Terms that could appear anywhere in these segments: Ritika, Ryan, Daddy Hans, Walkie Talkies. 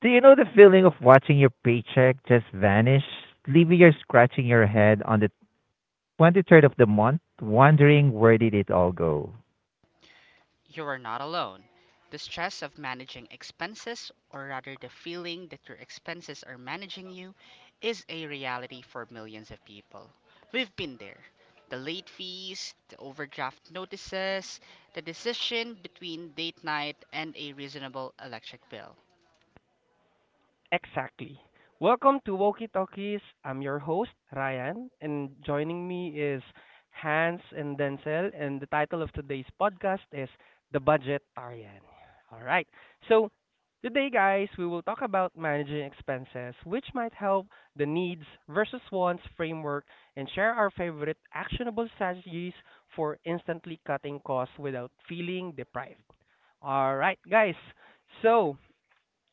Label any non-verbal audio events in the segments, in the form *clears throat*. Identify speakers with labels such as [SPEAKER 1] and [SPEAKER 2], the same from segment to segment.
[SPEAKER 1] Do you know the feeling of watching your paycheck just vanish, leaving you scratching your head on the 23rd of the month, wondering where did it all go?
[SPEAKER 2] You are not alone. The stress of managing expenses, or rather the feeling that your expenses are managing you, is a reality for millions of people. We've been there. The late fees, the overdraft notices, the decision between date night and a reasonable electric bill.
[SPEAKER 3] Exactly. Welcome to Walkie Talkies. I'm your host, Ryan, and joining me is Hans and Denzel. And the title of today's podcast is The Budgetarian. All right. So, today, guys, we will talk about managing expenses, which might help the needs versus wants framework and share our favorite actionable strategies for instantly cutting costs without feeling deprived. All right, guys. So,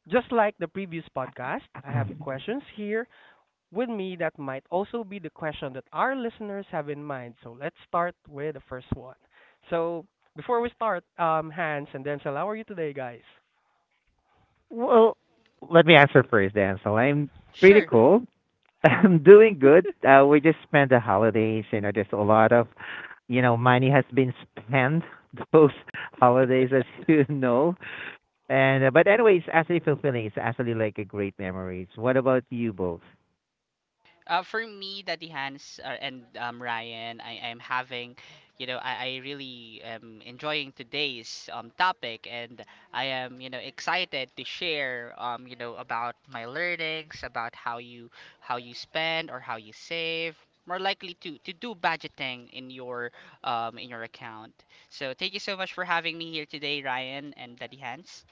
[SPEAKER 3] just like the previous podcast, I have
[SPEAKER 1] *clears throat*
[SPEAKER 3] questions here with me that might also be the question that our listeners have in mind. So let's start with the first one. So before we start, Hans and Denzel, how are you today, guys?
[SPEAKER 1] Well, let me answer first, Ansel. I'm pretty
[SPEAKER 2] Sure.
[SPEAKER 3] *laughs*
[SPEAKER 1] cool. *laughs* I'm doing good. We just spent the holidays. You know, there's a lot of money has been spent *laughs* those holidays, as *laughs* you know. And but anyway, it's actually fulfilling. It's actually like a great memories. What about you both?
[SPEAKER 2] For me, Daddy Hans and Ryan, I am having, I really am enjoying today's topic, and I am, excited to share, about my learnings, about how you spend or how you save, more likely to do budgeting in your account. So thank you so much for having me here today, Ryan and Daddy Hans.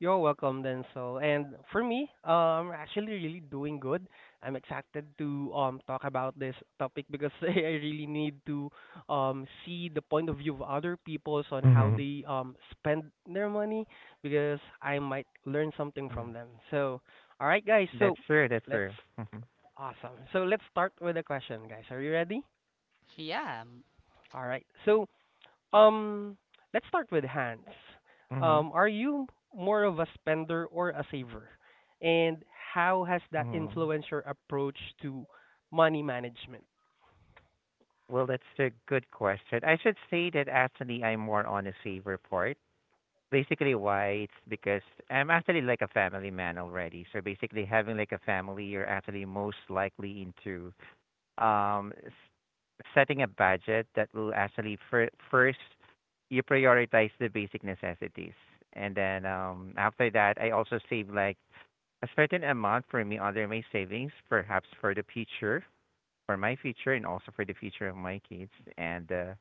[SPEAKER 3] You're welcome, Denzel. And for me, actually really doing good. I'm excited to talk about this topic because *laughs* I really need to see the point of view of other people's on how
[SPEAKER 1] Hmm.
[SPEAKER 3] they spend their money because I might learn something from them. So, all right, guys.
[SPEAKER 1] That's
[SPEAKER 3] So
[SPEAKER 1] true. That's
[SPEAKER 3] let's
[SPEAKER 1] true. Mhm.
[SPEAKER 3] awesome. So let's start with the question, guys. Are you ready?
[SPEAKER 2] Yeah.
[SPEAKER 3] All right. So um, let's start with Hans.
[SPEAKER 1] Mhm.
[SPEAKER 3] Are you more of a spender or a saver? And how has that
[SPEAKER 1] Mhm.
[SPEAKER 3] influenced your approach to money management?
[SPEAKER 1] Well, that's a good question. I should say that actually I'm more on a saver part. Basically, why? It's because I'm actually like a family man already. So basically, having like a family, you're actually most likely into um s- setting a budget that will actually first you prioritize the basic necessities, and then after that, I also save like a certain amount for me under my savings, perhaps for the future for my future and also for the future of my kids. And uh,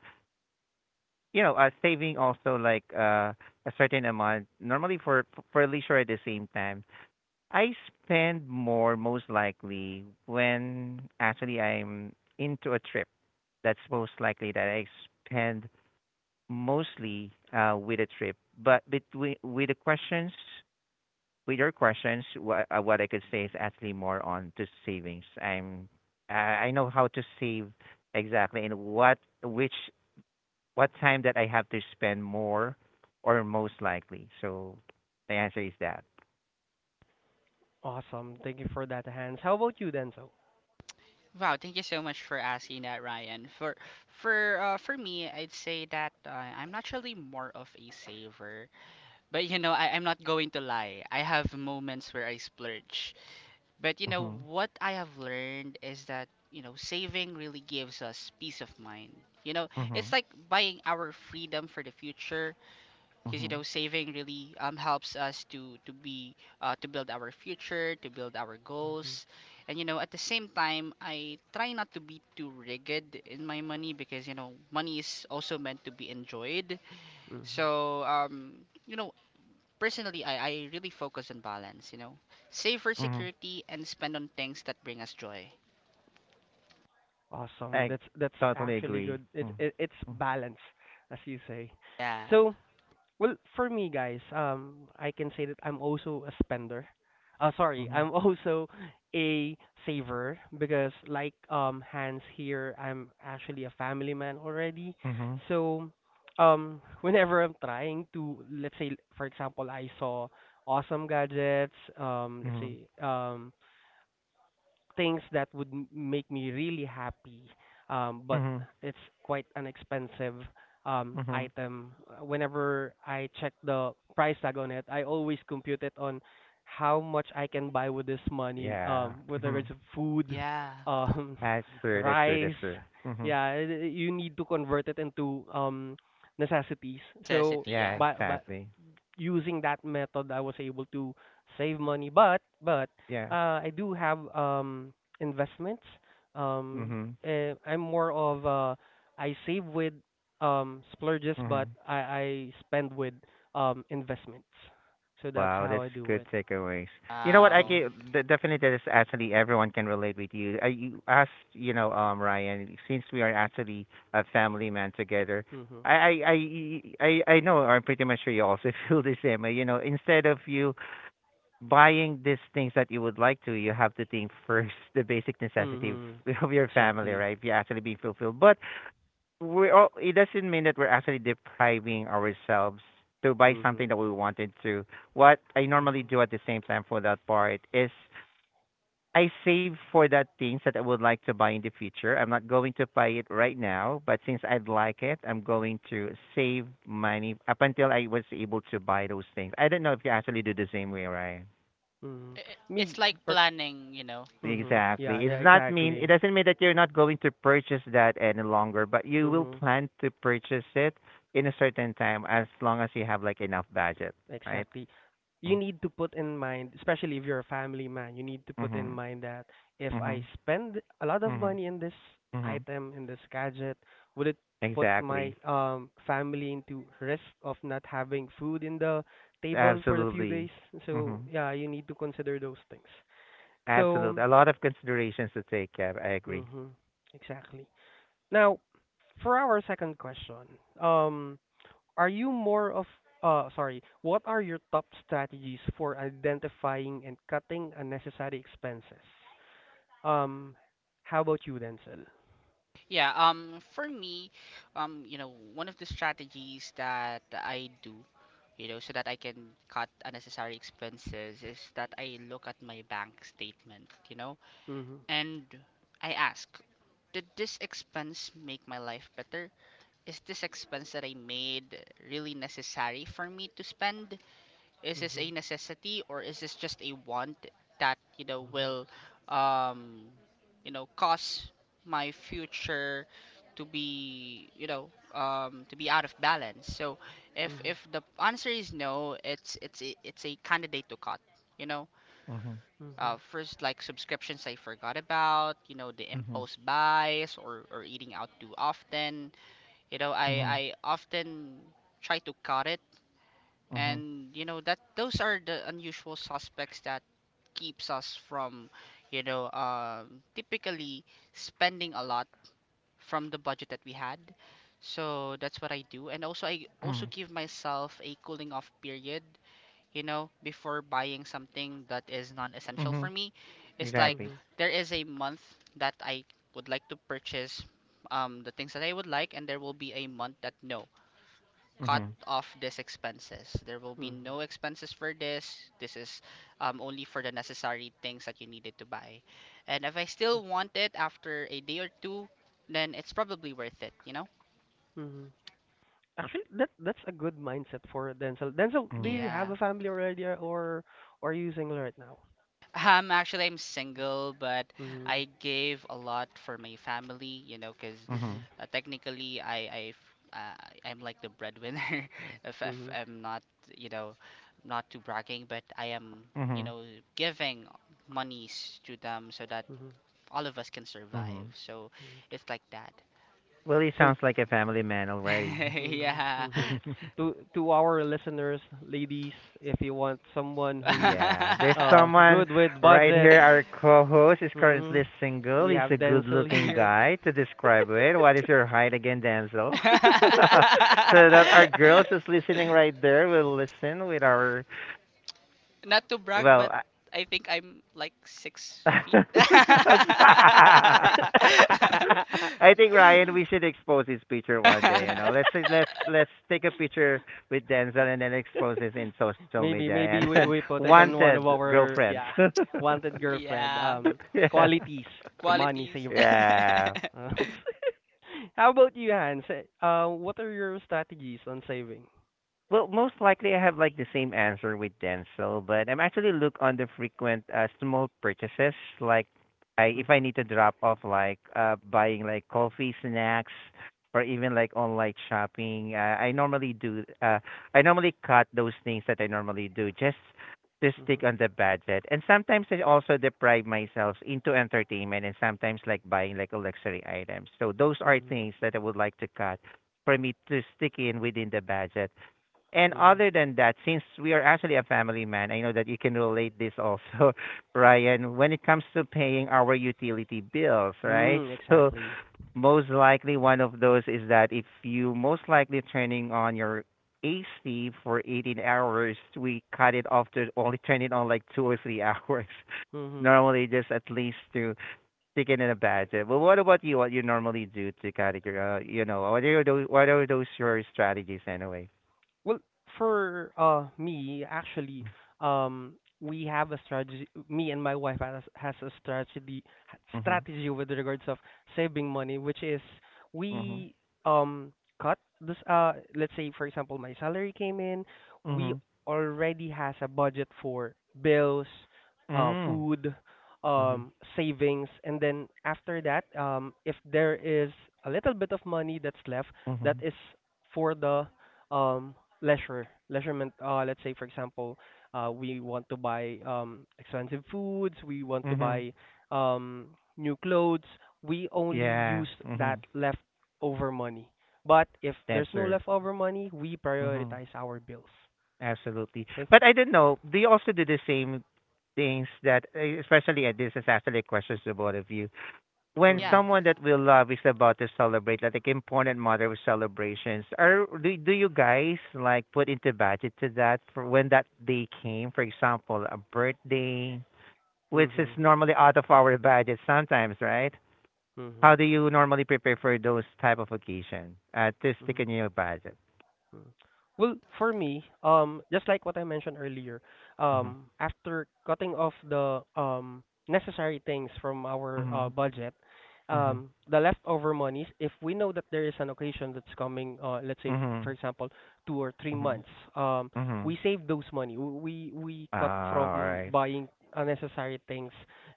[SPEAKER 1] you know, uh, saving also like a certain amount normally for leisure at the same time. I spend more most likely when actually I'm into a trip. That's most likely that I spend mostly with a trip. But between with the questions with your questions, what I could say is actually more on to savings. I know how to save exactly and what time that I have to spend more or most likely. So the answer is that.
[SPEAKER 3] Awesome. Thank you for that, Hans. How about you, Denzel?
[SPEAKER 2] Wow, thank you so much for asking that, Ryan. For me, I'd say that I'm naturally more of a saver. But I'm not going to lie. I have moments where I splurge. But
[SPEAKER 1] Mhm.
[SPEAKER 2] what I have learned is that saving really gives us peace of mind. You know, it's
[SPEAKER 1] Mhm.
[SPEAKER 2] like buying our freedom for the future because
[SPEAKER 1] Mhm.
[SPEAKER 2] saving really helps us to be, to build our future to build our
[SPEAKER 3] Mhm.
[SPEAKER 2] goals. And at the same time, I try not to be too rigid in my money, because money is also meant to be enjoyed.
[SPEAKER 3] Mhm.
[SPEAKER 2] So you know personally, I really focus on balance. Save for
[SPEAKER 1] Mhm.
[SPEAKER 2] security and spend on things that bring us joy.
[SPEAKER 3] Awesome.
[SPEAKER 1] I
[SPEAKER 3] That's
[SPEAKER 1] totally
[SPEAKER 3] actually
[SPEAKER 1] agree.
[SPEAKER 3] good. It,
[SPEAKER 1] Mm.
[SPEAKER 3] it it's
[SPEAKER 1] Mm.
[SPEAKER 3] balance, as you say.
[SPEAKER 2] Yeah.
[SPEAKER 3] So, well, for me, guys, I can say that I'm also a spender. Sorry, *laughs*
[SPEAKER 1] Mhm.
[SPEAKER 3] I'm also a saver because, like Hans here, I'm actually a family man already.
[SPEAKER 1] Mhm.
[SPEAKER 3] So, whenever I'm trying to, let's say, for example, I saw awesome gadgets, let's
[SPEAKER 1] Mhm.
[SPEAKER 3] say, things that would make me really happy but
[SPEAKER 1] Mhm.
[SPEAKER 3] it's quite an expensive
[SPEAKER 1] Mhm.
[SPEAKER 3] item. Whenever I check the price tag on it I always compute it on how much I can buy with this money
[SPEAKER 1] Yeah.
[SPEAKER 3] whether
[SPEAKER 1] Mhm.
[SPEAKER 3] it's food
[SPEAKER 2] Yeah.
[SPEAKER 3] um
[SPEAKER 1] That's
[SPEAKER 3] *laughs*
[SPEAKER 1] true. That's true. That's
[SPEAKER 3] rice
[SPEAKER 1] true. Mhm.
[SPEAKER 3] yeah you need to convert it into necessities so
[SPEAKER 2] Necessity,
[SPEAKER 1] Yeah.
[SPEAKER 2] yeah.
[SPEAKER 3] by
[SPEAKER 1] Exactly.
[SPEAKER 3] using that method, I was able to save money. But
[SPEAKER 1] Yeah.
[SPEAKER 3] I do have investments. Um,
[SPEAKER 1] Mhm.
[SPEAKER 3] I'm more of I save with splurges, but
[SPEAKER 1] Mhm.
[SPEAKER 3] I spend with investments. So that's
[SPEAKER 1] Wow,
[SPEAKER 3] how
[SPEAKER 1] that's
[SPEAKER 3] I do
[SPEAKER 1] good
[SPEAKER 3] it.
[SPEAKER 1] takeaways. You know what? I
[SPEAKER 2] Wow.
[SPEAKER 1] can
[SPEAKER 3] Mhm.
[SPEAKER 1] definitely that is actually everyone can relate with you. I you asked, Ryan, since we are actually a family man together,
[SPEAKER 3] Mhm.
[SPEAKER 1] I I I I know, I'm pretty much sure you also *laughs* feel the same way. You know, instead of you buying these things that you would like to, you have to think first the basic necessity of
[SPEAKER 3] Mhm.
[SPEAKER 1] *laughs* of your family,
[SPEAKER 3] Exactly.
[SPEAKER 1] right? If you're actually being fulfilled, but we're all, it doesn't mean that we're actually depriving ourselves to buy
[SPEAKER 3] Mhm.
[SPEAKER 1] something that we wanted to. What I normally
[SPEAKER 3] Mhm.
[SPEAKER 1] do at the same time for that part is I save for that things that I would like to buy in the future. I'm not going to buy it right now, but since I'd like it, I'm going to save money up until I was able to buy those things. I don't know if you actually do the same way, right?
[SPEAKER 3] Mhm.
[SPEAKER 2] It's
[SPEAKER 3] Me.
[SPEAKER 2] like
[SPEAKER 3] Per-
[SPEAKER 2] planning.
[SPEAKER 3] mhm. Yeah.
[SPEAKER 1] Exactly.
[SPEAKER 3] Yeah.
[SPEAKER 1] It
[SPEAKER 3] Exactly.
[SPEAKER 1] doesn't mean that you're not going to purchase that any longer, but you will
[SPEAKER 3] Mhm.
[SPEAKER 1] plan to purchase it in a certain time as long as you have like enough budget, right?
[SPEAKER 3] Exactly. You
[SPEAKER 1] Mm.
[SPEAKER 3] need to put in mind, especially if you're a family man, you need to put in
[SPEAKER 1] Mm-hmm.
[SPEAKER 3] mind that if
[SPEAKER 1] Mm-hmm.
[SPEAKER 3] I spend a lot of
[SPEAKER 1] Mm-hmm.
[SPEAKER 3] money in this
[SPEAKER 1] Mm-hmm.
[SPEAKER 3] item, in this gadget, would it put
[SPEAKER 1] Exactly.
[SPEAKER 3] my family into risk of not having food in the table for a few
[SPEAKER 1] Absolutely.
[SPEAKER 3] days? So
[SPEAKER 1] Mm-hmm.
[SPEAKER 3] yeah, you need to consider those things.
[SPEAKER 1] Absolutely.
[SPEAKER 3] So,
[SPEAKER 1] A lot of considerations to take, yeah, I agree.
[SPEAKER 3] mm-hmm, exactly. Now, for our second question, um, are you more of sorry, what are your top strategies for identifying and cutting unnecessary expenses? Um, how about you, Denzel?
[SPEAKER 2] Yeah, for me, one of the strategies that I do, so that I can cut unnecessary expenses is that I look at my bank statement,
[SPEAKER 3] Mhm.
[SPEAKER 2] and I ask, did this expense make my life better? Is this expense that I made really necessary for me to spend? Is this
[SPEAKER 3] Mhm.
[SPEAKER 2] a necessity or is this just a want that, you know,
[SPEAKER 3] Mhm.
[SPEAKER 2] will, um, cause my future to be, to be out of balance? So if
[SPEAKER 3] Mhm.
[SPEAKER 2] if the answer is no, it's a candidate to cut, you know.
[SPEAKER 1] Mm-hmm.
[SPEAKER 3] Mhm.
[SPEAKER 2] First, like subscriptions I forgot about, the
[SPEAKER 1] Mm-hmm.
[SPEAKER 2] imposed buys or eating out too often. I,
[SPEAKER 1] Mm-hmm.
[SPEAKER 2] I often try to cut it,
[SPEAKER 1] Mm-hmm.
[SPEAKER 2] and you know that those are the unusual suspects that keeps us from typically spending a lot from the budget that we had. So that's what I do, and also I also
[SPEAKER 1] Mm-hmm.
[SPEAKER 2] give myself a cooling off period before buying something that is non-essential
[SPEAKER 1] Mm-hmm.
[SPEAKER 2] for me. It's like
[SPEAKER 1] Exactly.
[SPEAKER 3] Mhm.
[SPEAKER 2] there is a month that I would like to purchase the things that I would like, and there will be a month that no, cut
[SPEAKER 1] Mm-hmm.
[SPEAKER 2] off these expenses. There will be
[SPEAKER 3] Mhm.
[SPEAKER 2] no expenses for this. This is only for the necessary things that you needed to buy. And if I still want it after a day or two, then it's probably worth it, you know?
[SPEAKER 3] Mhm. Actually, that's a good mindset for Denzel. Denzel, do
[SPEAKER 1] Mm-hmm.
[SPEAKER 3] you have
[SPEAKER 2] Yeah.
[SPEAKER 3] a family already, or are you single right now?
[SPEAKER 2] Actually, I'm single, but
[SPEAKER 3] Mhm.
[SPEAKER 2] I gave a lot for my family, because
[SPEAKER 3] Mhm.
[SPEAKER 1] Mm-hmm.
[SPEAKER 2] technically uh, I'm like the breadwinner. *laughs* If
[SPEAKER 3] Mhm.
[SPEAKER 2] I'm not, you know, not too bragging, but I am, you
[SPEAKER 1] Mm-hmm.
[SPEAKER 2] know, giving monies to them so that
[SPEAKER 3] Mhm.
[SPEAKER 2] all of us can survive.
[SPEAKER 1] Mm-hmm.
[SPEAKER 2] So
[SPEAKER 3] Mhm.
[SPEAKER 2] it's like that.
[SPEAKER 1] Well, he
[SPEAKER 3] So
[SPEAKER 1] sounds like a family man already.
[SPEAKER 2] *laughs*
[SPEAKER 3] hmm
[SPEAKER 2] Yeah.
[SPEAKER 1] *laughs*
[SPEAKER 3] hmm. To our listeners, ladies, if you want someone who's
[SPEAKER 1] Yeah, there's someone
[SPEAKER 3] good with
[SPEAKER 1] right
[SPEAKER 3] budget,
[SPEAKER 1] here. Our co-host is
[SPEAKER 3] hmm,
[SPEAKER 1] currently single.
[SPEAKER 3] we
[SPEAKER 1] He's
[SPEAKER 3] have
[SPEAKER 1] a
[SPEAKER 3] Denzel
[SPEAKER 1] good-looking
[SPEAKER 3] here.
[SPEAKER 1] guy to describe it. What is your height again, Denzel? *laughs* So that our
[SPEAKER 3] *laughs*
[SPEAKER 1] girls is listening
[SPEAKER 2] *laughs*
[SPEAKER 1] right there will listen with our
[SPEAKER 2] Not to brag, but
[SPEAKER 1] well,
[SPEAKER 2] I think I'm like six
[SPEAKER 1] *laughs*
[SPEAKER 2] feet.
[SPEAKER 1] I think Ryan, we should expose his picture one day. You know, let's let's
[SPEAKER 2] *laughs*
[SPEAKER 1] let's take a picture with Denzel and then expose this in social
[SPEAKER 3] Maybe
[SPEAKER 1] media
[SPEAKER 3] maybe
[SPEAKER 1] and, *laughs* and
[SPEAKER 3] we put it on one of
[SPEAKER 1] wanted
[SPEAKER 3] our
[SPEAKER 1] girlfriends.
[SPEAKER 3] yeah
[SPEAKER 1] *laughs*
[SPEAKER 3] wanted girlfriend
[SPEAKER 2] Yeah,
[SPEAKER 1] Yeah,
[SPEAKER 3] qualities money
[SPEAKER 2] qualities.
[SPEAKER 3] saver.
[SPEAKER 1] yeah.
[SPEAKER 3] Uh,
[SPEAKER 2] *laughs*
[SPEAKER 3] *laughs* How about you, Hans? What are your strategies on saving?
[SPEAKER 1] Well, most likely I have like the same answer with Denzel, but I'm actually look on the frequent small purchases like I if I
[SPEAKER 3] Mhm.
[SPEAKER 1] need to drop off like buying like coffee, snacks or even like online shopping, I normally cut those things that I normally do just to stick
[SPEAKER 3] Mhm.
[SPEAKER 1] on the budget. And sometimes I also deprive myself into entertainment and sometimes like buying like luxury items. So those are
[SPEAKER 3] Mhm.
[SPEAKER 1] things that I would like to cut for me to stick in within the budget. And
[SPEAKER 3] Mhm.
[SPEAKER 1] other than that, since we are actually a family man, I know that you can relate this also, *laughs* Ryan, when it comes to paying our utility bills, right?
[SPEAKER 3] Mm,
[SPEAKER 1] *laughs* So
[SPEAKER 3] exactly.
[SPEAKER 1] most likely one of those is that if you most likely turning on your AC for 18 hours, we cut it off to only turn it on like 2 or 3 hours. *laughs*
[SPEAKER 3] Hmm.
[SPEAKER 1] Normally, just at least to stick it in a budget. But what about you? What you normally do to cut it? What are those? What are those your strategies anyway?
[SPEAKER 3] Well, for me, actually, um, we have a strategy. Me and my wife has a strategy
[SPEAKER 1] Hmm.
[SPEAKER 3] strategy with regards of saving money, which is
[SPEAKER 1] Mhm.
[SPEAKER 3] we um cut this. Let's say for example, my salary came in. We
[SPEAKER 1] Mhm.
[SPEAKER 3] already has a budget for bills,
[SPEAKER 1] Mm.
[SPEAKER 3] food,
[SPEAKER 1] Mhm.
[SPEAKER 3] savings, and then after that, if there is a little bit of money that's left, that
[SPEAKER 1] Mhm.
[SPEAKER 3] is for the um leisurement let's say for example we want to buy expensive foods we want to
[SPEAKER 1] Mhm.
[SPEAKER 3] buy um new clothes. We only use
[SPEAKER 1] Yeah.
[SPEAKER 3] that
[SPEAKER 1] Mhm.
[SPEAKER 3] leftover money, but if there's
[SPEAKER 1] That's
[SPEAKER 3] no
[SPEAKER 1] true.
[SPEAKER 3] leftover money we
[SPEAKER 1] Mhm.
[SPEAKER 3] prioritize our bills.
[SPEAKER 1] Absolutely.
[SPEAKER 3] Okay.
[SPEAKER 1] But I don't know. Do you also do the same things that, especially at this is actually questions to both of you. When
[SPEAKER 2] Yeah,
[SPEAKER 3] Mhm.
[SPEAKER 1] someone that we love is about to celebrate, like important matter of celebrations, are do you guys like put into budget to that for when that day came? For example, a birthday, which is
[SPEAKER 3] Mhm.
[SPEAKER 1] normally out of our *laughs* budget sometimes, right? How
[SPEAKER 3] Mhm.
[SPEAKER 1] do you normally prepare for those type of occasion? To stick
[SPEAKER 3] Mhm.
[SPEAKER 1] in your budget.
[SPEAKER 3] Hmm. Well, for me, just like what I mentioned earlier,
[SPEAKER 1] Mhm.
[SPEAKER 3] after cutting off the necessary things from our
[SPEAKER 1] Mhm.
[SPEAKER 3] budget,
[SPEAKER 1] Mhm.
[SPEAKER 3] the leftover monies, if we know that there is an occasion that's coming, let's say, for
[SPEAKER 1] Mhm.
[SPEAKER 3] example, two or three
[SPEAKER 1] Mhm.
[SPEAKER 3] months, um,
[SPEAKER 1] Mhm.
[SPEAKER 3] we save those money. We cut
[SPEAKER 1] Ah, all
[SPEAKER 3] from
[SPEAKER 1] right.
[SPEAKER 3] buying unnecessary things,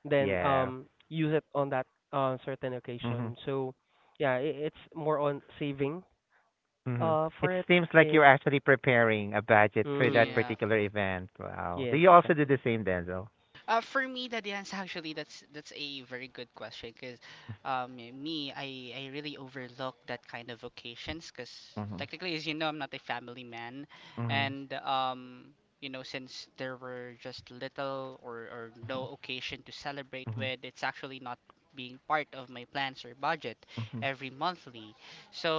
[SPEAKER 3] then
[SPEAKER 1] Yeah.
[SPEAKER 3] use it on that certain
[SPEAKER 1] Mhm.
[SPEAKER 3] occasion. So, yeah, I it's more on saving
[SPEAKER 1] Mhm. It
[SPEAKER 3] for it.
[SPEAKER 1] seems like you're
[SPEAKER 3] And
[SPEAKER 1] actually preparing a budget for that
[SPEAKER 3] mm.
[SPEAKER 2] yeah.
[SPEAKER 1] particular event. Wow. Do
[SPEAKER 3] Yes,
[SPEAKER 1] you also do the
[SPEAKER 3] exactly.
[SPEAKER 1] same, Denzel?
[SPEAKER 2] For me, that is actually that's a very good question, because me, I really overlook that kind of occasions, because
[SPEAKER 1] Mhm.
[SPEAKER 2] technically, as you know, I'm not a family man,
[SPEAKER 1] Mhm.
[SPEAKER 2] and since there were just little or
[SPEAKER 1] Mhm.
[SPEAKER 2] no occasion to celebrate
[SPEAKER 1] Mhm.
[SPEAKER 2] with, it's actually not being part of my plans or budget
[SPEAKER 1] Mhm.
[SPEAKER 2] every monthly.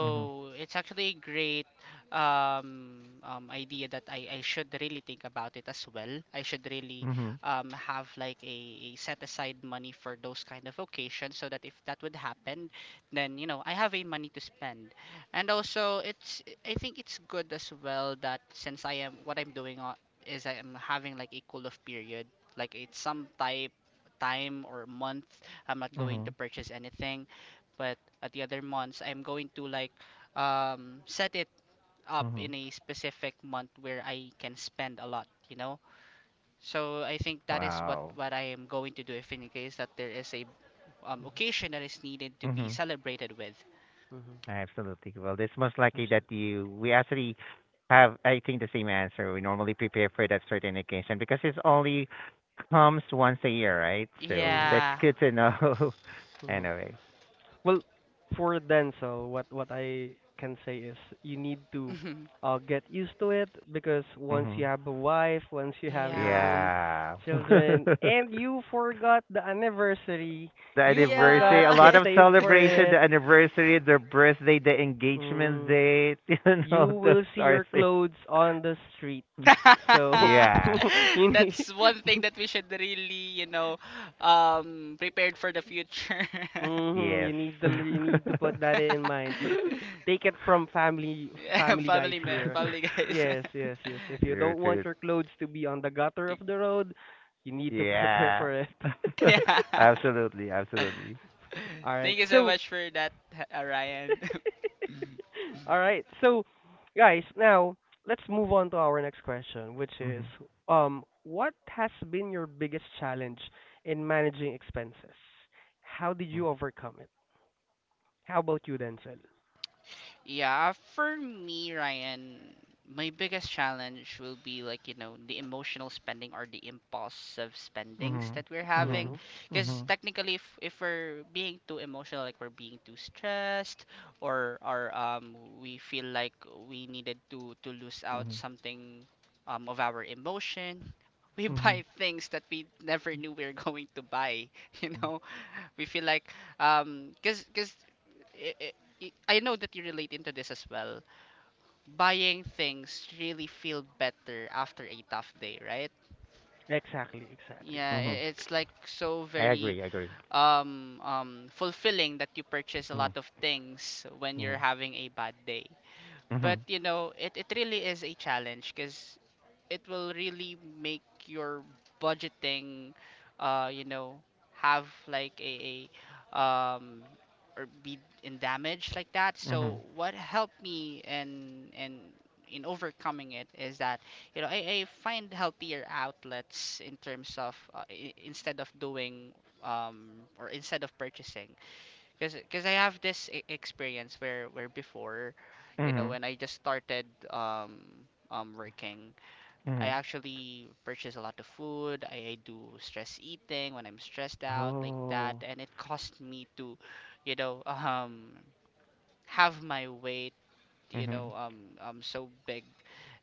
[SPEAKER 1] Mhm.
[SPEAKER 2] it's actually a great idea that I should really think about it as well. I should really
[SPEAKER 1] Mhm.
[SPEAKER 2] have like a set aside money for those kind of occasions, so that if that would happen, then I have a money to spend. And also it's I think it's good as well that since I am what I'm doing, is I am having like a cool off period, like it's some type time or month I'm not going to
[SPEAKER 1] Mhm.
[SPEAKER 2] purchase anything, but at the other months I'm going to, like, set it up
[SPEAKER 1] Mhm.
[SPEAKER 2] in a specific month where I can spend a lot, so I think that is what
[SPEAKER 1] Wow.
[SPEAKER 2] what I am going to do if in case that there is a occasion that is needed to be
[SPEAKER 1] Mhm.
[SPEAKER 2] celebrated with.
[SPEAKER 3] Mhm.
[SPEAKER 1] Absolutely. Well, it's most likely that
[SPEAKER 3] Absolutely.
[SPEAKER 1] you we actually have I think the same answer. We normally prepare for that certain occasion because it's only comes once a year, right? So
[SPEAKER 3] Mhm.
[SPEAKER 1] that's *laughs*
[SPEAKER 2] Yeah.
[SPEAKER 1] good to know. *laughs*
[SPEAKER 3] Mhm.
[SPEAKER 1] Anyway.
[SPEAKER 3] Well, for Denzel, what I can say is you need to
[SPEAKER 2] Mhm.
[SPEAKER 3] get used to it because once
[SPEAKER 1] Hmm.
[SPEAKER 3] you have a wife, once you have your
[SPEAKER 2] Yeah.
[SPEAKER 3] own
[SPEAKER 1] Yeah.
[SPEAKER 3] children,
[SPEAKER 1] *laughs*
[SPEAKER 3] and you forgot the anniversary,
[SPEAKER 1] The
[SPEAKER 3] you
[SPEAKER 1] anniversary,
[SPEAKER 3] forgot
[SPEAKER 1] a
[SPEAKER 2] Yeah.
[SPEAKER 3] to
[SPEAKER 1] lot of
[SPEAKER 3] save for
[SPEAKER 2] *laughs*
[SPEAKER 1] celebration, the
[SPEAKER 3] it.
[SPEAKER 1] anniversary, the birthday, the engagement
[SPEAKER 3] Mm,
[SPEAKER 1] date, *laughs* you
[SPEAKER 3] you
[SPEAKER 1] know, those
[SPEAKER 3] will see
[SPEAKER 1] are
[SPEAKER 3] your
[SPEAKER 1] things.
[SPEAKER 3] clothes on the streets.
[SPEAKER 2] *laughs*
[SPEAKER 3] So
[SPEAKER 1] Yeah.
[SPEAKER 3] *laughs* you need
[SPEAKER 2] That's one thing
[SPEAKER 3] *laughs*
[SPEAKER 2] that we should really, prepared for the future.
[SPEAKER 3] hmm.
[SPEAKER 1] Yes.
[SPEAKER 3] You need to put that
[SPEAKER 1] *laughs*
[SPEAKER 3] in mind. Take it
[SPEAKER 2] *laughs*
[SPEAKER 3] from family
[SPEAKER 2] Yeah,
[SPEAKER 3] family guys
[SPEAKER 2] family,
[SPEAKER 3] here.
[SPEAKER 2] family guys.
[SPEAKER 3] Yes, yes, yes. If you
[SPEAKER 1] True,
[SPEAKER 3] don't want
[SPEAKER 1] true.
[SPEAKER 3] your clothes to be on the gutter of
[SPEAKER 2] *laughs*
[SPEAKER 3] the road, you need to *laughs* prepare
[SPEAKER 1] Yeah.
[SPEAKER 3] for it.
[SPEAKER 1] *laughs*
[SPEAKER 2] Yeah.
[SPEAKER 1] Absolutely, absolutely.
[SPEAKER 3] *laughs* All
[SPEAKER 2] *laughs*
[SPEAKER 3] right.
[SPEAKER 2] Thank you so
[SPEAKER 3] So,
[SPEAKER 2] much for that, *laughs* Ryan. *laughs*
[SPEAKER 3] all right. So, guys, now let's move on to our next question, which is
[SPEAKER 1] Mhm.
[SPEAKER 3] what has been your biggest challenge in managing expenses? How did you overcome it? How about you, Denzel?
[SPEAKER 2] Yeah, for me, Ryan, my biggest challenge will be like, the emotional spending or the impulsive spendings
[SPEAKER 1] Mhm.
[SPEAKER 2] that we're having.
[SPEAKER 3] Mhm.
[SPEAKER 1] Mhm.
[SPEAKER 2] Because
[SPEAKER 1] Mhm.
[SPEAKER 2] technically, if we're being too emotional, like we're being too stressed, or we feel like we needed to lose out
[SPEAKER 1] Mhm.
[SPEAKER 2] something, of our emotion, we *laughs* buy
[SPEAKER 1] Mhm.
[SPEAKER 2] things that we never knew we were going to buy, *laughs* you know? We feel like cuz cuz I I- I know that you relate into this as well. Buying things really feel better after a tough day, right?
[SPEAKER 3] Exactly, exactly.
[SPEAKER 2] Yeah,
[SPEAKER 1] Mhm.
[SPEAKER 2] it's like so
[SPEAKER 1] I
[SPEAKER 2] very
[SPEAKER 1] agree, I agree.
[SPEAKER 2] fulfilling that you purchase a lot
[SPEAKER 1] Mhm.
[SPEAKER 2] of things when you're
[SPEAKER 1] Mhm.
[SPEAKER 2] having a bad day. But
[SPEAKER 1] Mhm.
[SPEAKER 2] it really is a challenge, because it will really make your budgeting, uh you know have like a or be in damage like that.
[SPEAKER 1] Mhm.
[SPEAKER 2] So what helped me in overcoming it is that I find healthier outlets in terms of, instead of doing um or instead of purchasing, because I have this experience where before,
[SPEAKER 1] Mhm.
[SPEAKER 2] when I just started um working, I
[SPEAKER 1] Mhm.
[SPEAKER 2] actually purchase a lot of food. I do stress eating when I'm stressed out like that,
[SPEAKER 1] Oh.
[SPEAKER 2] and it cost me to, you know, *laughs* um, have my weight,
[SPEAKER 1] Mhm.
[SPEAKER 2] so big,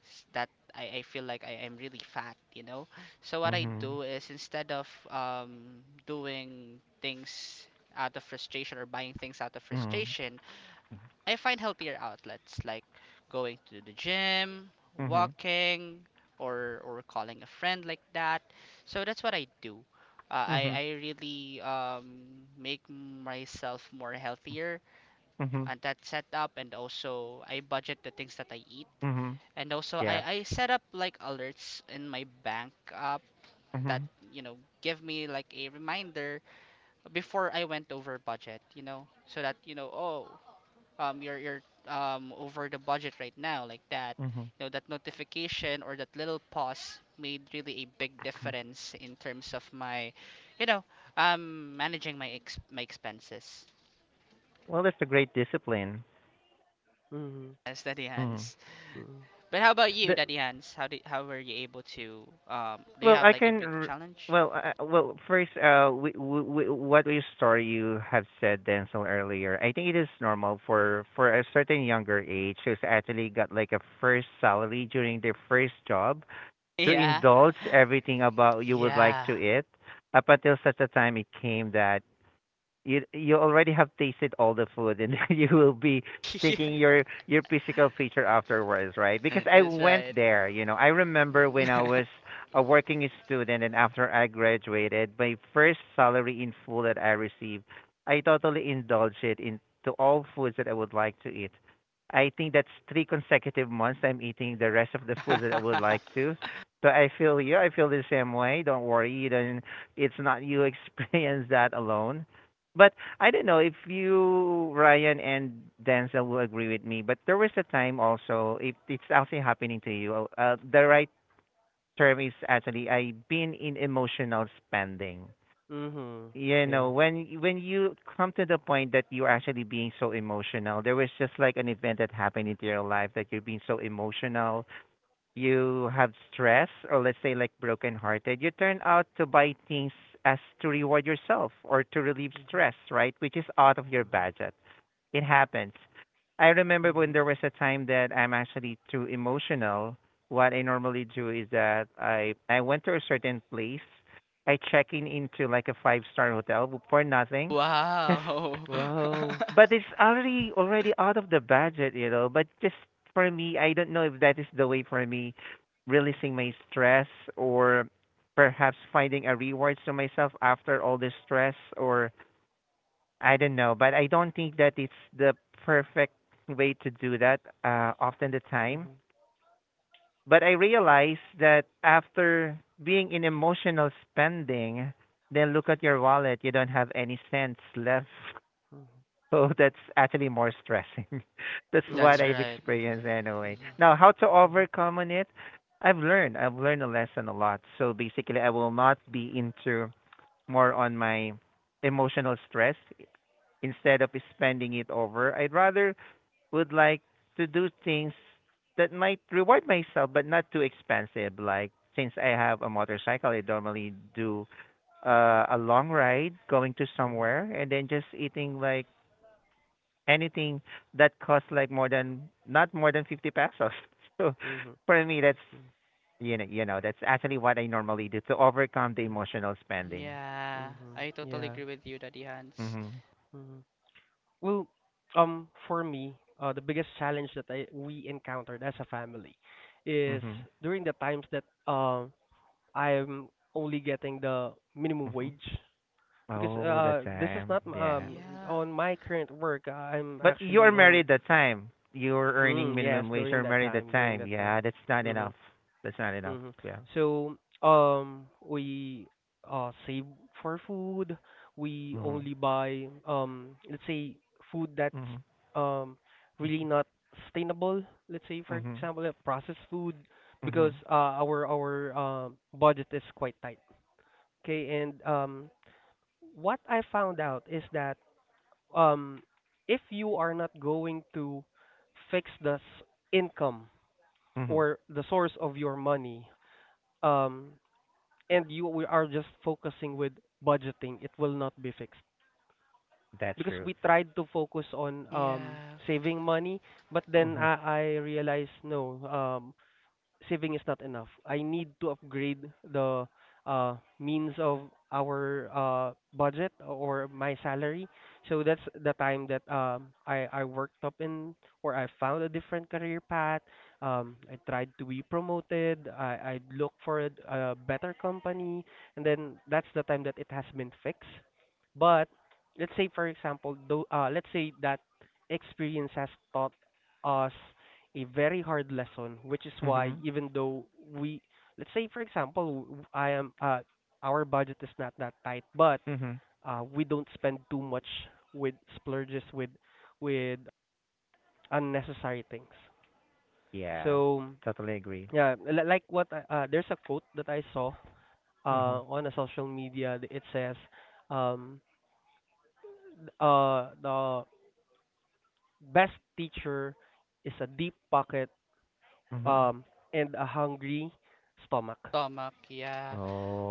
[SPEAKER 2] that I feel like I am really fat. So what I
[SPEAKER 1] Mhm.
[SPEAKER 2] do is, instead of doing things out of frustration or buying things out of
[SPEAKER 1] Mhm.
[SPEAKER 2] frustration, I find healthier outlets like going to the gym,
[SPEAKER 1] Mhm.
[SPEAKER 2] walking, or calling a friend like that. So that's what I do. I
[SPEAKER 1] Mhm.
[SPEAKER 2] I really make myself more healthier,
[SPEAKER 1] Mhm.
[SPEAKER 2] and that setup, and also I budget the things that I eat,
[SPEAKER 1] Mhm.
[SPEAKER 2] and also
[SPEAKER 1] Yeah.
[SPEAKER 2] I set up like alerts in my bank app that
[SPEAKER 1] Mhm.
[SPEAKER 2] give me like a reminder before I went over budget, so that oh, you're over the budget right now, like that,
[SPEAKER 1] Mhm.
[SPEAKER 2] that notification or that little pause made really a big
[SPEAKER 1] *clears throat*
[SPEAKER 2] difference in terms of my, you know managing my my expenses,
[SPEAKER 1] Well, that's a great discipline.
[SPEAKER 3] Mhm.
[SPEAKER 2] as Daddy
[SPEAKER 1] Mm-hmm.
[SPEAKER 2] hands
[SPEAKER 3] Mhm.
[SPEAKER 2] but how about you,
[SPEAKER 3] The,
[SPEAKER 2] Daddy hands how did how were you able to, do you
[SPEAKER 1] Well,
[SPEAKER 2] have
[SPEAKER 1] I
[SPEAKER 2] like a
[SPEAKER 1] can.
[SPEAKER 2] big challenge?
[SPEAKER 1] Well, well, first, we, what we story you have said, Denzel, earlier. I think it is normal for a certain younger age who's actually got like a first salary during their first job to
[SPEAKER 2] Yeah.
[SPEAKER 1] indulge everything about you would like
[SPEAKER 2] Yeah.
[SPEAKER 1] to eat up until such a time it came that you already have tasted all the food and *laughs* you will be
[SPEAKER 2] *laughs* Yeah,
[SPEAKER 1] thinking your physical feature afterwards, right? Because I
[SPEAKER 2] that's
[SPEAKER 1] went
[SPEAKER 2] right.
[SPEAKER 1] there. You know, I remember when I was a working student, and after I graduated my first salary in full that I received, I totally indulged it into all foods that I would like to eat. I think that's 3 consecutive months I'm eating the rest of the foods that I would like
[SPEAKER 2] *laughs*
[SPEAKER 1] to. So I feel you, I feel the same way. Don't worry. You don't, it's not you *laughs* experience that alone. But I don't know if you, Ryan and Denzel, will agree with me. But there was a time also, if it's also happening to you, the right term is actually I've been in emotional spending.
[SPEAKER 3] mhm.
[SPEAKER 1] You know,
[SPEAKER 3] Yeah.
[SPEAKER 1] when you come to the point that you're actually being so emotional, there was just like an event that happened into your life that you're being so emotional. You have stress or let's say like brokenhearted, you turn out to buy things as to reward yourself or to relieve
[SPEAKER 3] Mhm.
[SPEAKER 1] stress, right? Which is out of your
[SPEAKER 3] Mhm.
[SPEAKER 1] budget. It happens. I remember when there
[SPEAKER 3] Mhm.
[SPEAKER 1] was a time that I'm actually too emotional. What I normally do is that I went to a certain place. I check in into like a 5-star hotel for nothing, just
[SPEAKER 2] Wow.
[SPEAKER 3] Wow.
[SPEAKER 1] but it's already out of the budget. But just for me, I don't know if that is the way for me releasing my stress or perhaps finding a reward to myself after all this stress or I don't know. But I don't think that it's the perfect way to do that often the time.
[SPEAKER 3] Mhm.
[SPEAKER 1] But I realize that after being in emotional spending, then look at your wallet, you don't have any cents left.
[SPEAKER 3] Mhm.
[SPEAKER 1] So *laughs* that's actually more stressing. *laughs* That's
[SPEAKER 2] *laughs*
[SPEAKER 1] what
[SPEAKER 2] That's
[SPEAKER 3] Mhm.
[SPEAKER 1] I've
[SPEAKER 2] right.
[SPEAKER 1] experienced anyway.
[SPEAKER 3] Mhm.
[SPEAKER 1] Now, how to
[SPEAKER 3] Mhm.
[SPEAKER 1] overcome on it? I've learned. I've learned a lesson a lot. So basically, I will not be into more on my emotional stress instead of spending it over. I'd rather would like to do things that might reward myself, but not too expensive. Like since I have a motorcycle, I normally do a long ride going to
[SPEAKER 3] Mhm.
[SPEAKER 1] somewhere, and then just eating like anything that costs like more than not more than 50 pesos. *laughs* So
[SPEAKER 3] Mhm.
[SPEAKER 1] for me, that's you know, that's actually what I normally do to overcome the
[SPEAKER 3] Mhm.
[SPEAKER 1] emotional spending.
[SPEAKER 2] Yeah,
[SPEAKER 3] Mhm.
[SPEAKER 2] I totally
[SPEAKER 3] Yeah.
[SPEAKER 2] agree with you, Daddy Hans.
[SPEAKER 1] Mhm.
[SPEAKER 3] Mhm. Well, for me, the biggest challenge that I we encountered as a family is
[SPEAKER 1] Mhm.
[SPEAKER 3] during the times that um I'm only getting the minimum
[SPEAKER 1] Mhm.
[SPEAKER 3] wage because
[SPEAKER 1] Oh, that
[SPEAKER 3] this is
[SPEAKER 1] time.
[SPEAKER 3] not
[SPEAKER 1] Yeah.
[SPEAKER 2] Yeah,
[SPEAKER 3] on my current work I'm
[SPEAKER 1] But you're
[SPEAKER 3] actually on.
[SPEAKER 1] married that time. You're earning
[SPEAKER 3] Mm, yes,
[SPEAKER 1] minimum wage.
[SPEAKER 3] during
[SPEAKER 1] You're
[SPEAKER 3] that
[SPEAKER 1] married that
[SPEAKER 3] time, during
[SPEAKER 1] time.
[SPEAKER 3] that time.
[SPEAKER 1] Yeah, that's not
[SPEAKER 3] Mhm.
[SPEAKER 1] enough. That's not enough.
[SPEAKER 3] Mhm.
[SPEAKER 1] Yeah.
[SPEAKER 3] So, we save for food. We
[SPEAKER 1] Mhm.
[SPEAKER 3] only buy let's say food that's
[SPEAKER 1] Mhm.
[SPEAKER 3] um really
[SPEAKER 1] Mhm.
[SPEAKER 3] not sustainable. Let's say for
[SPEAKER 1] Mhm.
[SPEAKER 3] example, processed food because
[SPEAKER 1] Mhm.
[SPEAKER 3] our budget is quite tight. Okay, and what I found out is that um if you are not going to fix the income
[SPEAKER 1] Mhm.
[SPEAKER 3] or the source of your money um and you we are just focusing with budgeting it will not be fixed
[SPEAKER 1] That's
[SPEAKER 3] because
[SPEAKER 1] true.
[SPEAKER 3] we tried to focus on
[SPEAKER 2] yeah,
[SPEAKER 3] saving money but then
[SPEAKER 1] Mhm.
[SPEAKER 3] I realized no, saving is not enough. I need to upgrade the means of our budget or my salary. So that's the time that I worked up in or I found a different career path. I tried to be promoted. I looked for a better company, and then that's the time that it has been fixed. But let's say for example, though, let's say that experience has taught us a very hard lesson, which is why
[SPEAKER 1] Mhm.
[SPEAKER 3] even though we, let's say for example, I am our budget is not that tight, but
[SPEAKER 1] Mhm.
[SPEAKER 3] we don't spend too much with splurges with unnecessary things.
[SPEAKER 1] Yeah.
[SPEAKER 3] So
[SPEAKER 1] Totally agree.
[SPEAKER 3] yeah, like what there's a quote that I saw
[SPEAKER 1] Mhm.
[SPEAKER 3] on a social media. It says, um, the best teacher is a deep pocket
[SPEAKER 1] Mhm.
[SPEAKER 3] um, and a hungry stomach.
[SPEAKER 2] stomach, yeah.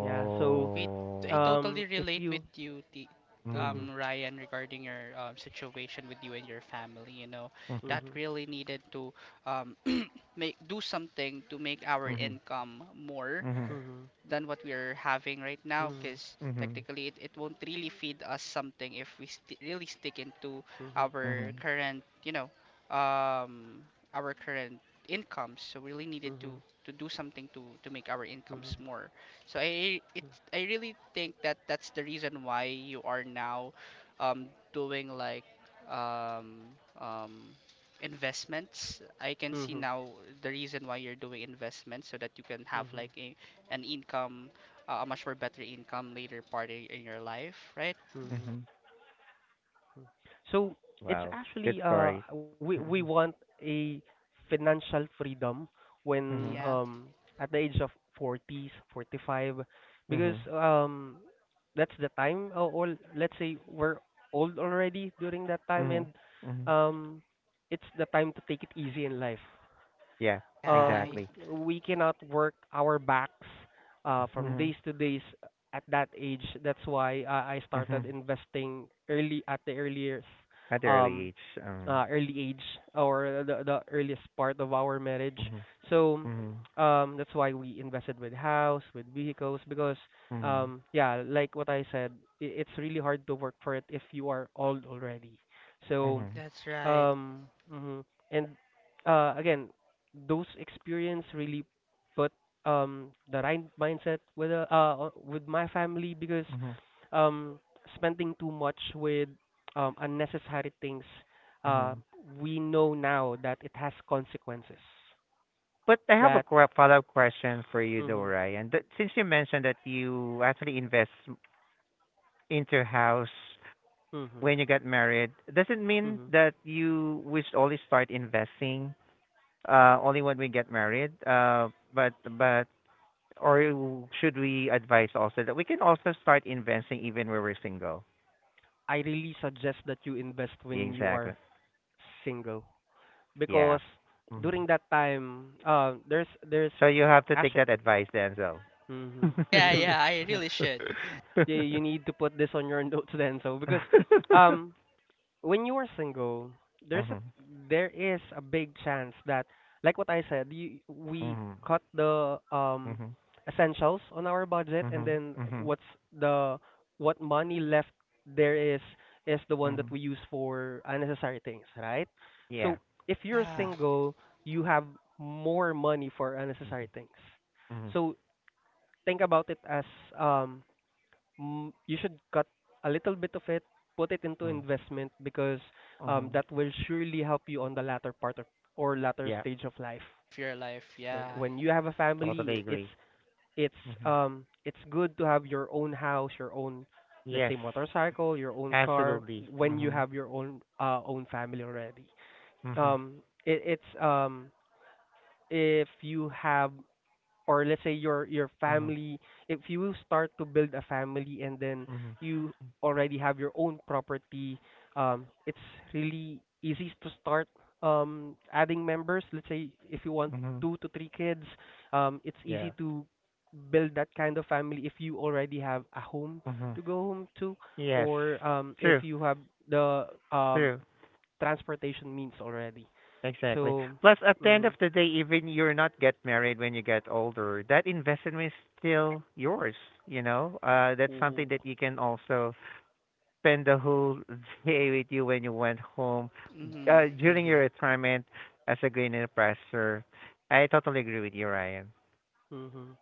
[SPEAKER 3] Yeah. So,
[SPEAKER 2] We, I totally
[SPEAKER 3] if
[SPEAKER 2] relate
[SPEAKER 3] you,
[SPEAKER 2] with you,
[SPEAKER 3] mhm,
[SPEAKER 1] Mhm.
[SPEAKER 2] Ryan, regarding your situation with you and your family.
[SPEAKER 1] Mhm.
[SPEAKER 2] That
[SPEAKER 3] mhm,
[SPEAKER 2] really needed to, um, *clears throat* make do something to make our
[SPEAKER 1] Mhm.
[SPEAKER 2] income more
[SPEAKER 1] Mhm.
[SPEAKER 3] mhm,
[SPEAKER 2] than what we're having right now,
[SPEAKER 3] mhm,
[SPEAKER 2] because
[SPEAKER 1] Mhm.
[SPEAKER 2] technically it won't really feed us something if we really stick into
[SPEAKER 3] mhm,
[SPEAKER 2] our
[SPEAKER 1] Mhm.
[SPEAKER 2] current, um our current incomes, so we really needed to
[SPEAKER 3] mhm,
[SPEAKER 2] to do something to make our
[SPEAKER 3] mhm,
[SPEAKER 2] incomes more. So I really think that that's the reason why you are now, doing like um, um, investments. I can see
[SPEAKER 3] mhm,
[SPEAKER 2] now the reason why you're doing investments, so that you can have
[SPEAKER 3] mhm,
[SPEAKER 2] like an income, a much more better income later part in your life, right?
[SPEAKER 3] mhm.
[SPEAKER 1] Mhm.
[SPEAKER 3] So it's
[SPEAKER 1] Wow. Good
[SPEAKER 3] actually
[SPEAKER 1] story.
[SPEAKER 3] we want
[SPEAKER 1] Mhm.
[SPEAKER 3] a financial freedom when
[SPEAKER 1] Mhm.
[SPEAKER 2] Yeah,
[SPEAKER 3] at the age of 40s, 45 because
[SPEAKER 1] Mhm.
[SPEAKER 3] that's the time or let's say we're old already during that time and
[SPEAKER 1] Mhm. Mhm.
[SPEAKER 3] um it's the time to take it easy in life,
[SPEAKER 1] Yeah,
[SPEAKER 2] yeah,
[SPEAKER 1] exactly.
[SPEAKER 3] we cannot work our backs from
[SPEAKER 1] Mhm.
[SPEAKER 3] days to days at that age. That's why I started
[SPEAKER 1] Mhm.
[SPEAKER 3] investing early at the earliest
[SPEAKER 1] At the early
[SPEAKER 3] um,
[SPEAKER 1] age.
[SPEAKER 3] early age or the earliest part of our marriage.
[SPEAKER 1] Mhm.
[SPEAKER 3] So
[SPEAKER 1] Mhm.
[SPEAKER 3] that's why we invested with house, with vehicles, because
[SPEAKER 1] Mhm.
[SPEAKER 3] yeah, like what I said, I it's really hard to work for it if you are old already. So
[SPEAKER 1] Mhm.
[SPEAKER 2] that's right.
[SPEAKER 3] mhm. And again, those experience really put the right mindset with my family because
[SPEAKER 1] Mhm.
[SPEAKER 3] um spending too much with unnecessary things uh
[SPEAKER 1] Mhm.
[SPEAKER 3] we know now that it has consequences
[SPEAKER 1] But I have a
[SPEAKER 3] that
[SPEAKER 1] follow-up question for you, though,
[SPEAKER 3] mhm,
[SPEAKER 1] Ryan. Since you mentioned that you actually invest into house
[SPEAKER 3] mhm,
[SPEAKER 1] when you get married doesn't mean
[SPEAKER 3] mhm.
[SPEAKER 1] that you we should only start investing only when we get married but or should we advise also that we can also start investing even when we're single,
[SPEAKER 3] I really suggest that you invest when you
[SPEAKER 1] exactly.
[SPEAKER 3] are single
[SPEAKER 1] Yeah.
[SPEAKER 3] because
[SPEAKER 1] Hmm.
[SPEAKER 3] during that time there's
[SPEAKER 1] So you have to take
[SPEAKER 3] actually
[SPEAKER 1] that advice, Denzel. *laughs*
[SPEAKER 3] mhm,
[SPEAKER 2] Yeah,
[SPEAKER 3] mhm.
[SPEAKER 2] yeah, I really
[SPEAKER 3] *laughs*
[SPEAKER 2] should.
[SPEAKER 3] Yeah, you need to put this on your *laughs* notes then. So because um when you are single, there's a
[SPEAKER 1] Mhm.
[SPEAKER 3] there is a big chance that like what I said, we
[SPEAKER 1] Mhm.
[SPEAKER 3] cut the
[SPEAKER 1] Mhm.
[SPEAKER 3] essentials on our budget and
[SPEAKER 1] Mhm.
[SPEAKER 3] then
[SPEAKER 1] Mhm.
[SPEAKER 3] what's the what money left there is the one that
[SPEAKER 1] Mhm.
[SPEAKER 3] we use for unnecessary things, right?
[SPEAKER 1] Yeah.
[SPEAKER 3] So if you're
[SPEAKER 2] Yeah,
[SPEAKER 1] Mhm.
[SPEAKER 3] single, you have more money for
[SPEAKER 1] Mhm.
[SPEAKER 3] unnecessary things.
[SPEAKER 1] Mhm.
[SPEAKER 3] So think about it as um mm, you should cut a little bit of it, put it into investment because
[SPEAKER 1] Mhm.
[SPEAKER 3] that will surely help you on the latter part of or latter
[SPEAKER 1] Yeah.
[SPEAKER 3] stage of life.
[SPEAKER 2] of your life. Yeah.
[SPEAKER 3] When you have a family,
[SPEAKER 1] Totally agree. Hmm.
[SPEAKER 3] it's good to have your own house, your own let's say
[SPEAKER 1] Yes,
[SPEAKER 3] motorcycle, your own car
[SPEAKER 1] absolutely.
[SPEAKER 3] when you
[SPEAKER 1] Hmm.
[SPEAKER 3] have your own own family already.
[SPEAKER 1] Hmm.
[SPEAKER 3] It's if you have or let's say your
[SPEAKER 1] Hmm.
[SPEAKER 3] family, if you start to build a family and then
[SPEAKER 1] Hmm.
[SPEAKER 3] you already have your own property it's really easy to start adding members, let's say if you want
[SPEAKER 1] Hmm.
[SPEAKER 3] two to three kids, it's
[SPEAKER 1] Yeah.
[SPEAKER 3] easy to build that kind of family if you already have a home
[SPEAKER 1] Hmm.
[SPEAKER 3] to go home to
[SPEAKER 1] Yes.
[SPEAKER 3] or if
[SPEAKER 1] True.
[SPEAKER 3] you have the um
[SPEAKER 1] True.
[SPEAKER 3] transportation means already
[SPEAKER 1] Exactly.
[SPEAKER 3] so
[SPEAKER 1] Plus, at the end
[SPEAKER 3] mhm,
[SPEAKER 1] of the day, even you're not get married when you get older, that investment is still yours. You know, that's something
[SPEAKER 3] mhm,
[SPEAKER 1] that you can also spend the whole day with you when you went home
[SPEAKER 2] Mhm.
[SPEAKER 1] during your
[SPEAKER 3] mhm,
[SPEAKER 1] retirement as a grain investor. I totally agree with you, Ryan.
[SPEAKER 3] mhm,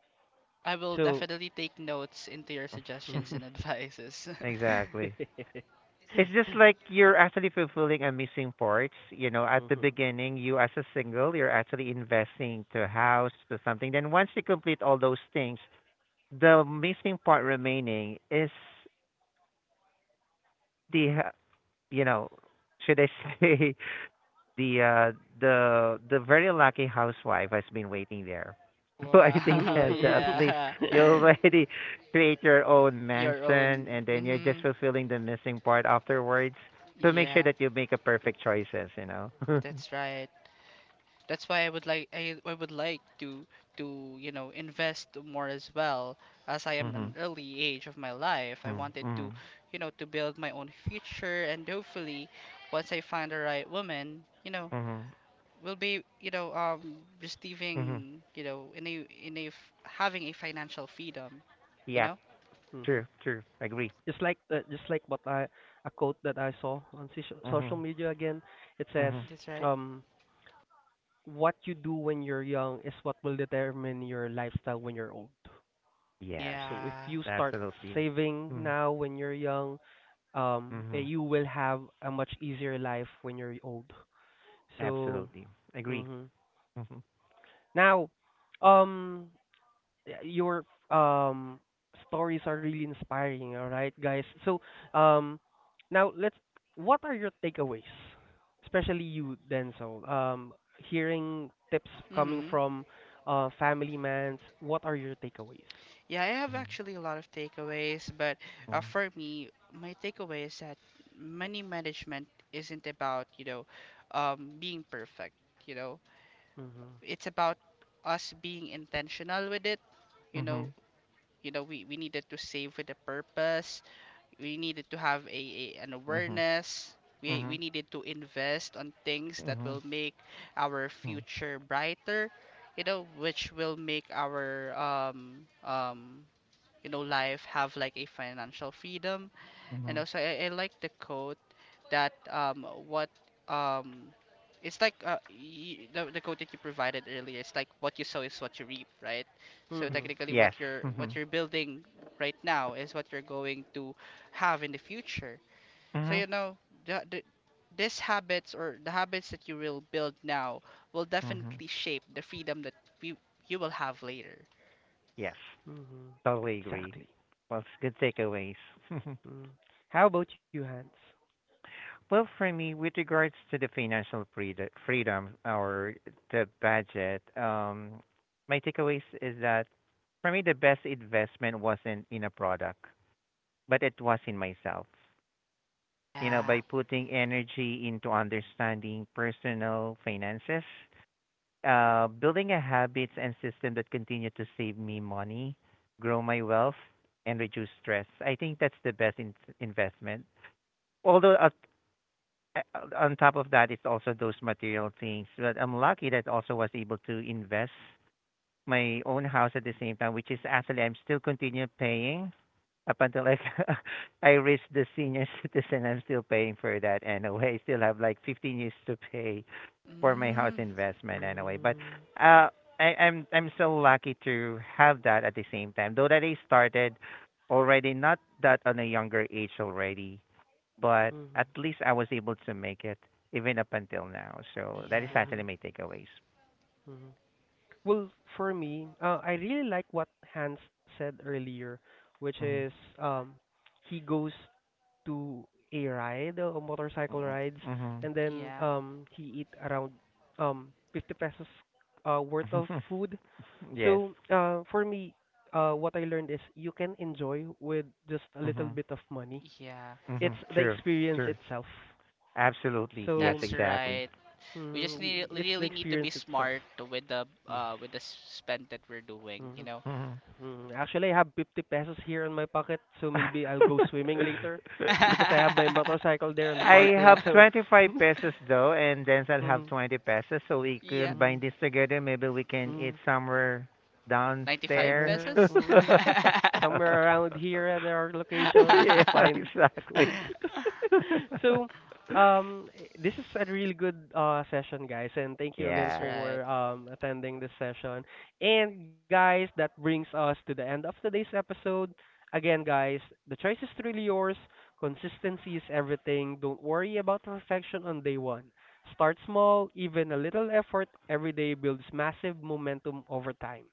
[SPEAKER 2] I will
[SPEAKER 3] so
[SPEAKER 2] definitely take notes into your
[SPEAKER 3] mm.
[SPEAKER 2] suggestions and
[SPEAKER 1] *laughs*
[SPEAKER 2] advices. *laughs*
[SPEAKER 1] Exactly.
[SPEAKER 3] *laughs*
[SPEAKER 1] It's just like you're actually fulfilling a missing part. You know, at the
[SPEAKER 3] Mhm.
[SPEAKER 1] beginning, you as a single, you're actually investing to a house, to something. Then once you complete all those things, the missing part remaining is the, h- you know, should I *laughs* say the uh the very lucky housewife has been waiting there. *laughs* So I think
[SPEAKER 2] Wow,
[SPEAKER 1] then so at
[SPEAKER 3] Mhm.
[SPEAKER 1] least
[SPEAKER 2] yeah.
[SPEAKER 1] you
[SPEAKER 3] *laughs*
[SPEAKER 2] *laughs*
[SPEAKER 1] already *laughs* create your own
[SPEAKER 2] Your own.
[SPEAKER 1] mansion and then you're just
[SPEAKER 2] Mhm.
[SPEAKER 1] fulfilling the missing part afterwards. So make sure
[SPEAKER 2] Yeah,
[SPEAKER 1] that you make a perfect choices, you know. *laughs*
[SPEAKER 2] that's right. That's why I would like, to invest more as well. As I am an
[SPEAKER 1] Mhm.
[SPEAKER 2] early age of my life, I
[SPEAKER 1] Mm,
[SPEAKER 2] wanted to,
[SPEAKER 1] mhm.
[SPEAKER 2] to build my own future, and hopefully once I find the right woman,
[SPEAKER 1] Mhm.
[SPEAKER 2] will be,
[SPEAKER 1] Mhm.
[SPEAKER 2] receiving, having a financial freedom you
[SPEAKER 1] Yeah,
[SPEAKER 2] know
[SPEAKER 3] Mhm.
[SPEAKER 1] true, true. Agree.
[SPEAKER 3] Just like what I a quote that I saw on social
[SPEAKER 1] Mhm.
[SPEAKER 3] media again. It says,
[SPEAKER 1] Mhm.
[SPEAKER 2] that's right.
[SPEAKER 3] um, "What you do when you're young is what will determine your lifestyle when you're old."
[SPEAKER 1] Yes.
[SPEAKER 3] So if
[SPEAKER 2] Yeah.
[SPEAKER 3] you start
[SPEAKER 1] Absolutely.
[SPEAKER 3] saving
[SPEAKER 1] Mm.
[SPEAKER 3] now when you're young,
[SPEAKER 1] Mhm.
[SPEAKER 3] you will have a much easier life when you're old. So,
[SPEAKER 1] Absolutely. Agree.
[SPEAKER 3] mhm.
[SPEAKER 1] Mhm.
[SPEAKER 3] Now, um, your um stories are really inspiring. All right guys, so um now let's what are your takeaways, especially you Denzel, hearing tips coming
[SPEAKER 2] Mm-hmm.
[SPEAKER 3] from family mans, what are your takeaways?
[SPEAKER 2] Yeah, I have
[SPEAKER 1] Mhm.
[SPEAKER 2] actually a lot of takeaways. But
[SPEAKER 1] Mhm.
[SPEAKER 2] for me, my takeaway is that money management isn't about being perfect you know
[SPEAKER 3] Mhm.
[SPEAKER 2] it's about us being intentional with it you know
[SPEAKER 1] Mhm.
[SPEAKER 2] we needed to save with a purpose. We needed to have a an
[SPEAKER 1] Mhm.
[SPEAKER 2] awareness. We
[SPEAKER 1] Mhm.
[SPEAKER 2] needed to invest on things that
[SPEAKER 1] Mhm.
[SPEAKER 2] will make our
[SPEAKER 1] Mhm.
[SPEAKER 2] future brighter, which will make our life have like a financial freedom. And
[SPEAKER 1] Mhm.
[SPEAKER 2] also I like the quote that, what um it's like, y the quote that you provided earlier. It's like what you sow is what you reap, right? So
[SPEAKER 3] Mhm.
[SPEAKER 2] technically,
[SPEAKER 1] Yes.
[SPEAKER 2] what
[SPEAKER 1] Mhm.
[SPEAKER 2] you're building right now is what you're going to have in the future. So
[SPEAKER 1] Mhm.
[SPEAKER 2] the this habits or the habits that you will build now will
[SPEAKER 1] Mhm.
[SPEAKER 2] definitely shape the freedom that you you will have later.
[SPEAKER 1] Yes.
[SPEAKER 3] Mhm.
[SPEAKER 1] Totally agree.
[SPEAKER 3] Exactly.
[SPEAKER 1] Well, it's good takeaways. *laughs*
[SPEAKER 3] Mm. How about you, Hans?
[SPEAKER 1] Well, for me, with regards to the freedom or the budget, my takeaways is that for me, the best investment wasn't in a product, but it was in myself. You know,
[SPEAKER 2] Yeah.
[SPEAKER 1] by putting energy into understanding personal finances. Building a habits and system that continue to save me money, grow my wealth, and reduce stress. I think that's the best investment. Although uh, on top of that, it's also those material things. But I'm lucky that also was able to invest my own house at the same time, which is actually I'm still continue paying up until like *laughs* I reach the senior *laughs* citizen. I'm still paying for that anyway. I still have like 15 years to pay for my house
[SPEAKER 2] Mm,
[SPEAKER 1] investment anyway. But
[SPEAKER 3] Mm.
[SPEAKER 1] uh, I'm so lucky to have that at the same time. Though that I started already not that on a younger age already, but
[SPEAKER 3] Mhm.
[SPEAKER 1] at least I was able to make it even up until now. So that is
[SPEAKER 2] yeah.
[SPEAKER 1] actually
[SPEAKER 3] Mhm.
[SPEAKER 1] my takeaways.
[SPEAKER 3] Mhm. Well, for me, I really like what Hans said earlier, which is he goes to a ride, motorcycle rides,
[SPEAKER 1] Mm-hmm. Mm-hmm.
[SPEAKER 3] and then
[SPEAKER 2] Yeah.
[SPEAKER 3] he eat around 50 pesos worth of food.
[SPEAKER 1] *laughs* Yes.
[SPEAKER 3] So for me, what I learned is you can enjoy with just a little
[SPEAKER 1] Mm-hmm.
[SPEAKER 3] bit of money.
[SPEAKER 2] Yeah.
[SPEAKER 1] Mm-hmm.
[SPEAKER 3] It's the
[SPEAKER 1] True.
[SPEAKER 3] experience
[SPEAKER 1] True.
[SPEAKER 3] itself.
[SPEAKER 1] Absolutely. Yes.
[SPEAKER 3] So
[SPEAKER 2] That's
[SPEAKER 1] Exactly.
[SPEAKER 2] right. We
[SPEAKER 3] mm,
[SPEAKER 2] just need
[SPEAKER 3] it's the
[SPEAKER 2] really need to be
[SPEAKER 3] experience itself.
[SPEAKER 2] smart with the
[SPEAKER 3] Yes.
[SPEAKER 2] uh with the s- spend that we're doing, you
[SPEAKER 3] Mm-hmm.
[SPEAKER 2] know.
[SPEAKER 1] Mm-hmm.
[SPEAKER 3] Mm, actually, I have 50 pesos here in my pocket, so maybe I'll go swimming later *laughs* because I have
[SPEAKER 2] *laughs*
[SPEAKER 3] my
[SPEAKER 1] *laughs*
[SPEAKER 3] motorcycle there in the
[SPEAKER 1] I
[SPEAKER 3] parking.
[SPEAKER 1] have
[SPEAKER 3] So, *laughs*
[SPEAKER 1] 25 pesos though, and then I'll have
[SPEAKER 3] mhm,
[SPEAKER 1] 20 pesos, so we can
[SPEAKER 2] Yeah,
[SPEAKER 1] bind
[SPEAKER 3] mhm,
[SPEAKER 1] this together. Maybe we can eat
[SPEAKER 3] mhm.
[SPEAKER 1] somewhere
[SPEAKER 2] 95
[SPEAKER 1] downstairs.
[SPEAKER 3] Somewhere,
[SPEAKER 2] pesos.
[SPEAKER 1] *laughs*
[SPEAKER 3] mm,
[SPEAKER 2] *laughs*
[SPEAKER 3] somewhere around here at our location, we should
[SPEAKER 1] Yeah,
[SPEAKER 3] find.
[SPEAKER 1] exactly.
[SPEAKER 3] *laughs*
[SPEAKER 1] *laughs*
[SPEAKER 3] So, um, this is a really good session, guys, and thank you again
[SPEAKER 2] That's
[SPEAKER 1] Yeah.
[SPEAKER 2] right.
[SPEAKER 3] for attending this session. And guys, that brings us to the end of today's episode. Again, guys, the choice is truly yours. Consistency is everything. Don't worry about perfection on day one. Start small, even a little effort every day builds massive momentum over time.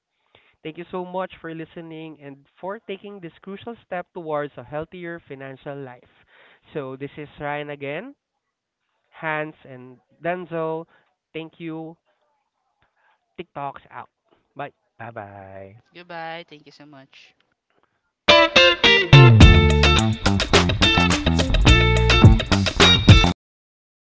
[SPEAKER 3] Thank you so much for listening and for taking this crucial step towards a healthier financial life. So, this is Ryan again, Hans, and Denzel. Thank you. TikTok's out. Bye.
[SPEAKER 1] Bye bye.
[SPEAKER 2] Goodbye. Thank you so much.